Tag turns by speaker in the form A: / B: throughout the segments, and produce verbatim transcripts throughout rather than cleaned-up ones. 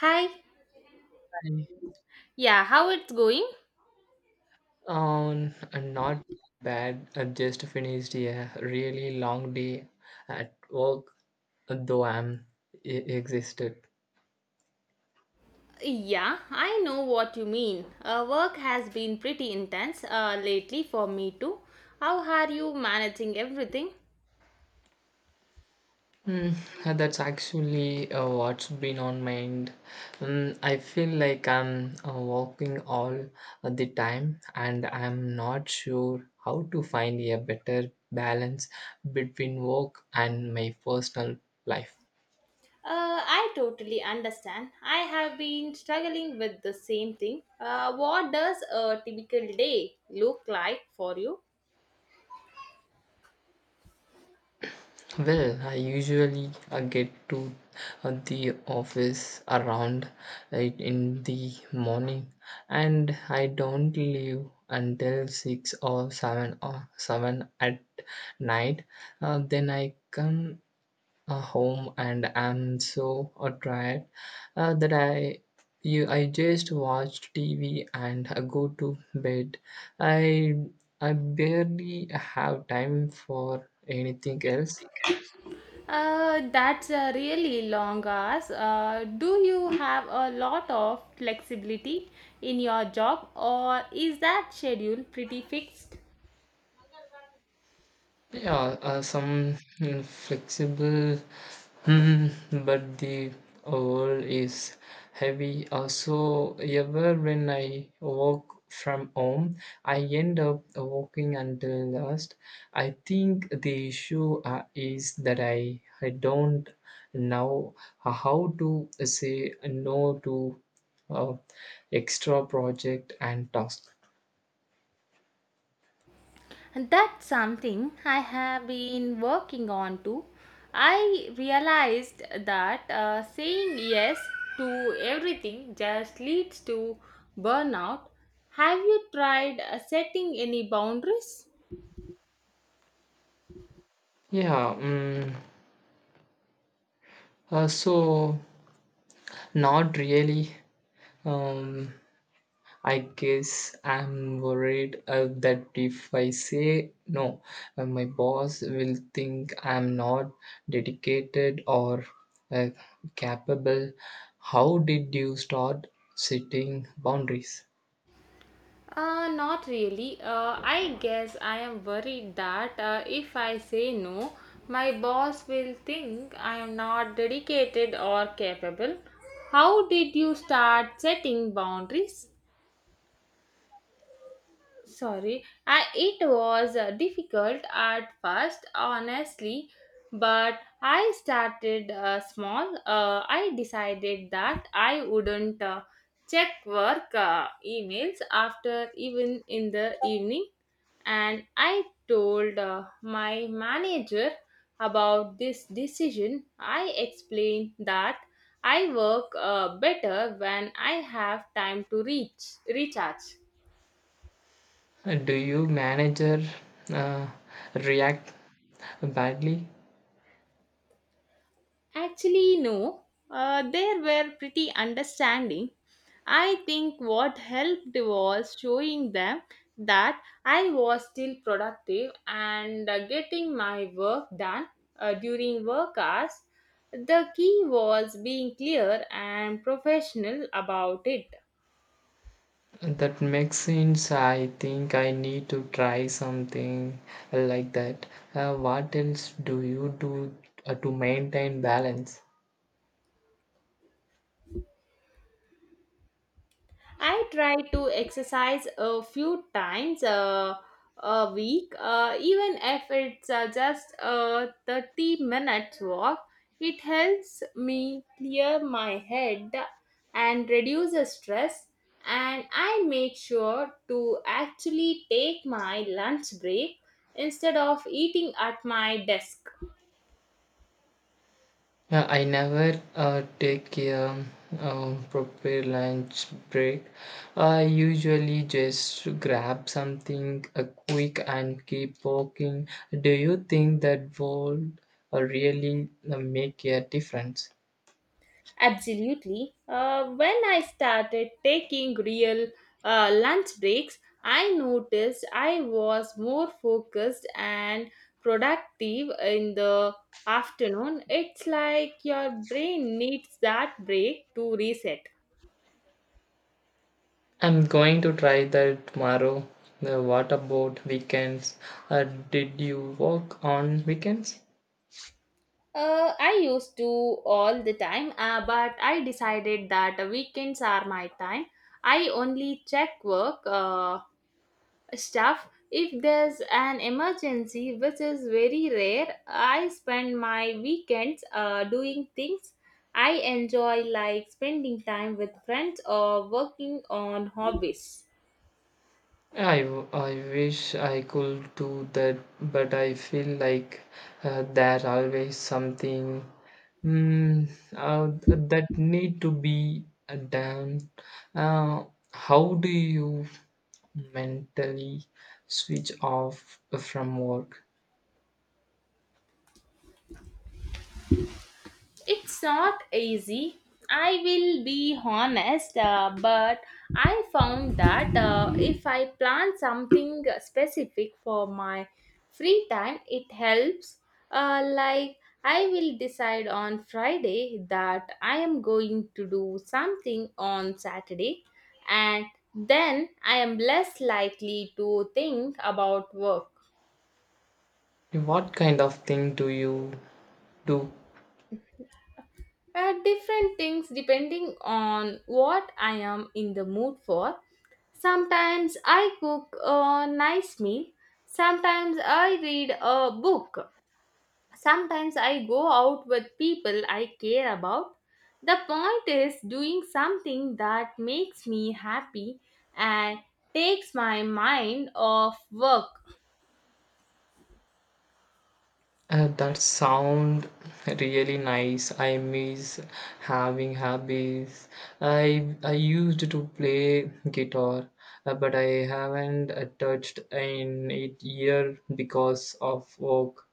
A: Hi. Yeah, how it's going?
B: Um, not bad. I just finished a really long day at work, though I'm e- exhausted.
A: Yeah, I know what you mean. Uh, work has been pretty intense uh, lately for me too. How are you managing everything?
B: Mm, that's actually uh, what's been on mind. Mm, I feel like I'm uh, working all the time, and I'm not sure how to find a better balance between work and my personal life.
A: Uh, I totally understand. I have been struggling with the same thing. Uh, what does a typical day look like for you?
B: Well, I usually uh, get to uh, the office around eight in the morning, and I don't leave until six or seven or seven at night. Uh, then I come uh, home and I'm so uh, tired uh, that I you I just watch T V and uh, go to bed. I I barely have time for anything else.
A: Uh, that's a really long hours. Uh, do you have a lot of flexibility in your job, or is that schedule pretty fixed?
B: Yeah, uh, some mm, flexible, mm, but the world is heavy. Uh, so ever when I work from home, I end up working until last. I think the issue uh, is that I, I don't know how to say no to uh, extra project and task.
A: And that's something I have been working on too. I realized that uh, saying yes to everything just leads to burnout. Have you tried uh, setting any boundaries?
B: Yeah, mm, uh, so not really. Um, I guess I'm worried uh, that if I say no, uh, my boss will think I'm not dedicated or uh, capable. How did you start setting boundaries?
A: Uh, not really. Uh, I guess I am worried that uh, if I say no, my boss will think I am not dedicated or capable. How did you start setting boundaries? Sorry, I, it was uh, difficult at first, honestly, but I started uh, small. uh, I decided that I wouldn't uh, check work uh, emails after even in the evening, and I told uh, my manager about this decision. I explained that I work uh, better when I have time to reach recharge.
B: Uh, Do you manager uh, react badly?
A: Actually, no. Uh, they were pretty understanding. I think what helped was showing them that I was still productive and uh, getting my work done uh, during work hours. The key was being clear and professional about it.
B: That makes sense. I think I need to try something like that. Uh, what else do you do uh, to maintain balance?
A: I try to exercise a few times uh, a week, uh, even if it's uh, just a thirty minutes walk. It helps me clear my head and reduce the stress, and I make sure to actually take my lunch break instead of eating at my desk.
B: Uh, I never uh, take a um, proper lunch break. I usually just grab something uh, quick and keep walking. Do you think that would uh, really uh, make a difference?
A: Absolutely. Uh, when I started taking real uh, lunch breaks, I noticed I was more focused and productive in the afternoon. It's like your brain needs that break to reset.
B: I'm going to try that tomorrow. Uh, What about weekends? Uh, did you work on weekends?
A: Uh, I used to all the time, uh, but I decided that weekends are my time. I only check work. Uh, stuff if there's an emergency, which is very rare. I spend my weekends uh, doing things I enjoy, like spending time with friends or working on hobbies.
B: I, w- I wish I could do that, but I feel like uh, there always something mm, uh, that need to be uh, done. Uh, how do you mentally switch off from work?
A: It's not easy, I will be honest, uh, but I found that uh, if I plan something specific for my free time, it helps. Uh, like, I will decide on Friday that I am going to do something on Saturday, and then I am less likely to think about work.
B: What kind of thing do you do?
A: Uh, different things depending on what I am in the mood for. Sometimes I cook a nice meal. Sometimes I read a book. Sometimes I go out with people I care about. The point is doing something that makes me happy and takes my mind off work.
B: Uh, that sound really nice. I miss having hobbies. I I used to play guitar, uh, but I haven't uh, touched in eight year because of work.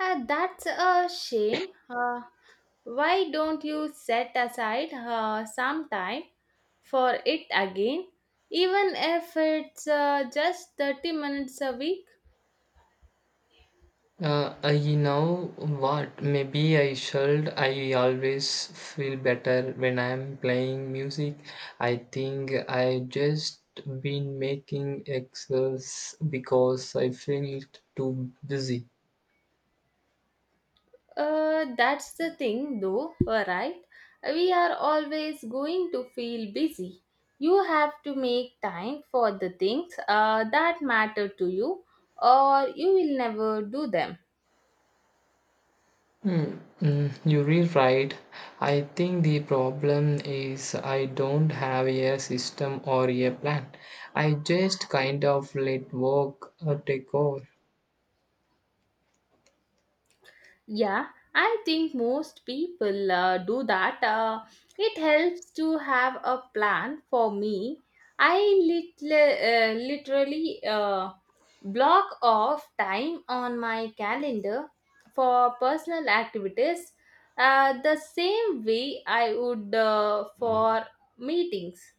A: Uh, that's a shame. Uh, why don't you set aside uh, some time for it again, even if it's uh, just thirty minutes a week?
B: Uh, I you know what? Maybe I should. I always feel better when I'm playing music. I think I just been making excess because I feel too busy.
A: Uh, that's the thing, though, right? We are always going to feel busy. You have to make time for the things uh, that matter to you, or you will never do them.
B: Hmm, mm, you're really right. I think the problem is I don't have a system or a plan. I just kind of let work uh, take over.
A: Yeah, I think most people uh, do that. Uh, it helps to have a plan. For me, I lit- uh, literally uh, block off time on my calendar for personal activities uh, the same way I would uh, for meetings.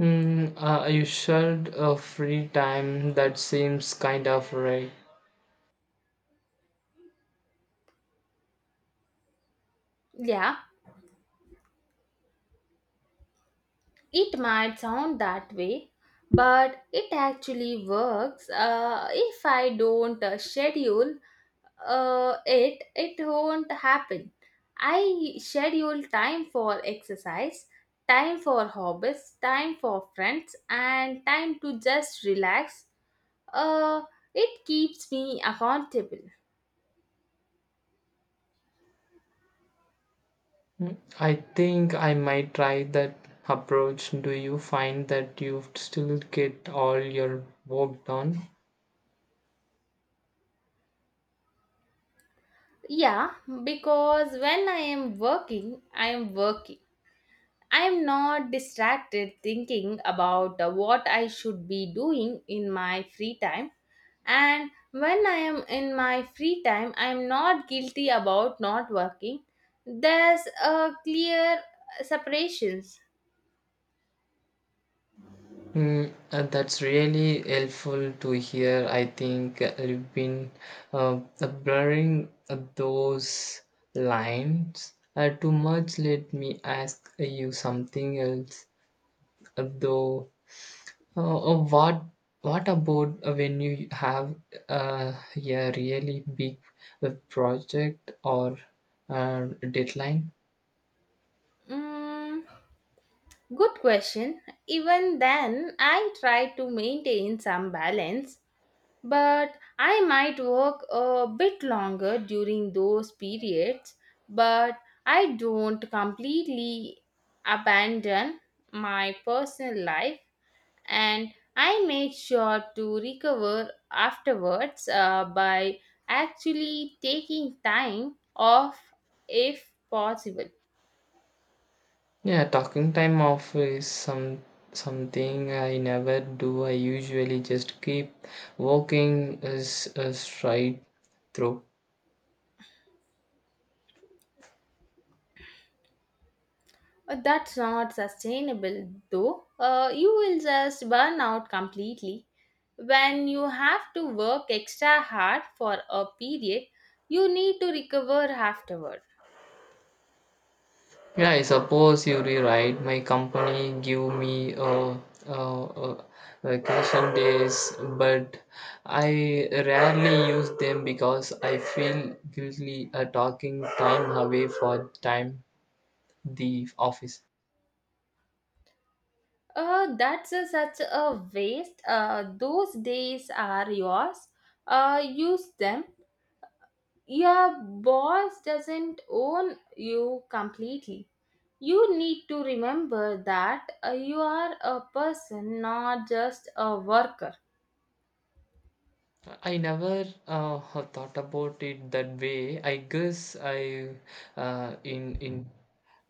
B: Mm, uh, you should uh, free time that seems kind of right.
A: Yeah, it might sound that way, but it actually works. Uh, if I don't uh, schedule uh, it it won't happen. I schedule time for exercise, time for hobbies, time for friends, and time to just relax. Uh, it keeps me accountable.
B: Mm, I think I might try that approach. Do you find that you still get all your work done?
A: Yeah, because when I am working, I am working. I am not distracted thinking about uh, what I should be doing in my free time. And when I am in my free time, I am not guilty about not working. There's a clear uh, separations.
B: Mm, uh, that's really helpful to hear. I think uh, you've been uh, uh, blurring uh, those lines uh, too much. Let me ask you something else, uh, though. Uh, uh, what what about uh, when you have uh, a really big uh, project or uh, deadline?
A: Mm, good question. Even then, I try to maintain some balance, but I might work a bit longer during those periods, but I don't completely abandon my personal life, and I make sure to recover afterwards uh, by actually taking time off if possible.
B: Yeah, talking time off is some something I never do. I usually just keep walking as a straight through.
A: Uh, that's not sustainable, though. Uh, you will just burn out completely. When you have to work extra hard for a period, you need to recover afterward.
B: Yeah, I suppose you rewrite. My company give me a, a, a vacation days, but I rarely use them because I feel guilty uh, talking time away for time the office.
A: Uh, that's a- such a waste. Uh, those days are yours. Uh, use them. Your boss doesn't own you completely. You need to remember that uh, you are a person, not just a worker.
B: I never uh, have thought about it that way. I guess I uh, in in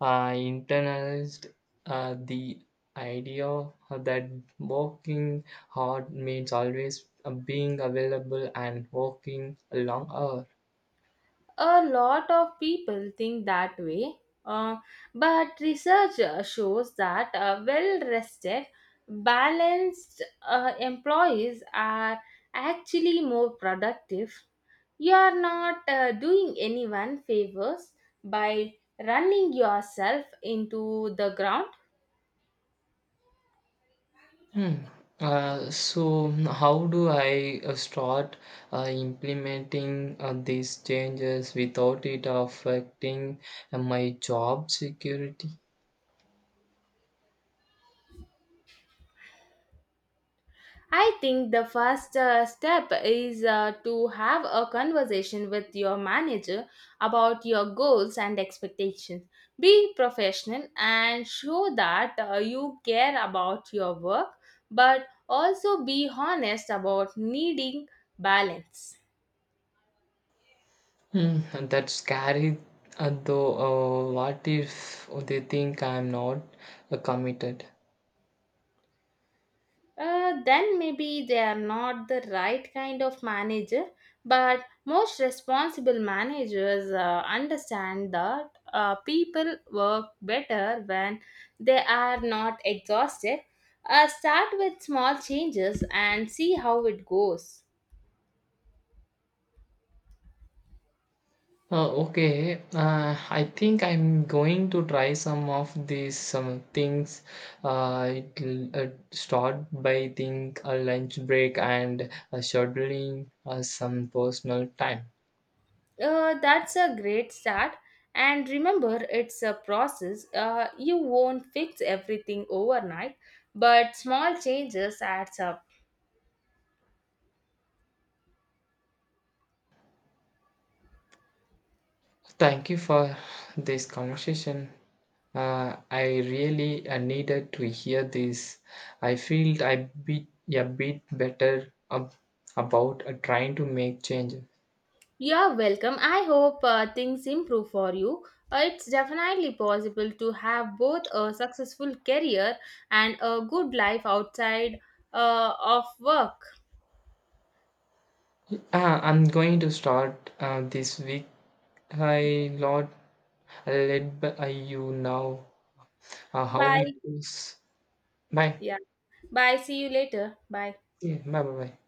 B: uh, internalized uh, the idea that working hard means always uh, being available and working a long hour.
A: A lot of people think that way, uh, but research uh, shows that uh, well rested, balanced uh, employees are actually more productive. You are not uh, doing anyone favors by running yourself into the ground.
B: Hmm. Uh, so how do I uh, start uh, implementing uh, these changes without it affecting uh, my job security?
A: I think the first uh, step is uh, to have a conversation with your manager about your goals and expectations. Be professional and show that uh, you care about your work, but also be honest about needing balance.
B: Hmm, and that's scary. Uh, though, uh, what if they think I'm not uh, committed?
A: Uh, then maybe they are not the right kind of manager, but most responsible managers uh, understand that uh, people work better when they are not exhausted. Uh, start with small changes and see how it goes.
B: Uh, okay, uh, I think I'm going to try some of these some things. Uh, it'll uh, start by think a lunch break and uh, scheduling uh, some personal time.
A: Uh, that's a great start. And remember, it's a process. Uh, you won't fix everything overnight, but small changes adds up.
B: Thank you for this conversation. Uh, I really uh, needed to hear this. I feel I bit a bit better ab- about uh, trying to make changes.
A: You're welcome. I hope uh, things improve for you. Uh, it's definitely possible to have both a successful career and a good life outside uh, of work.
B: Uh, I'm going to start uh, this week. Hi, Lord, I led by you know Uh, how it
A: Bye.
B: goes? Bye.
A: Yeah. Bye. See you later. Bye.
B: Yeah, bye, bye, bye.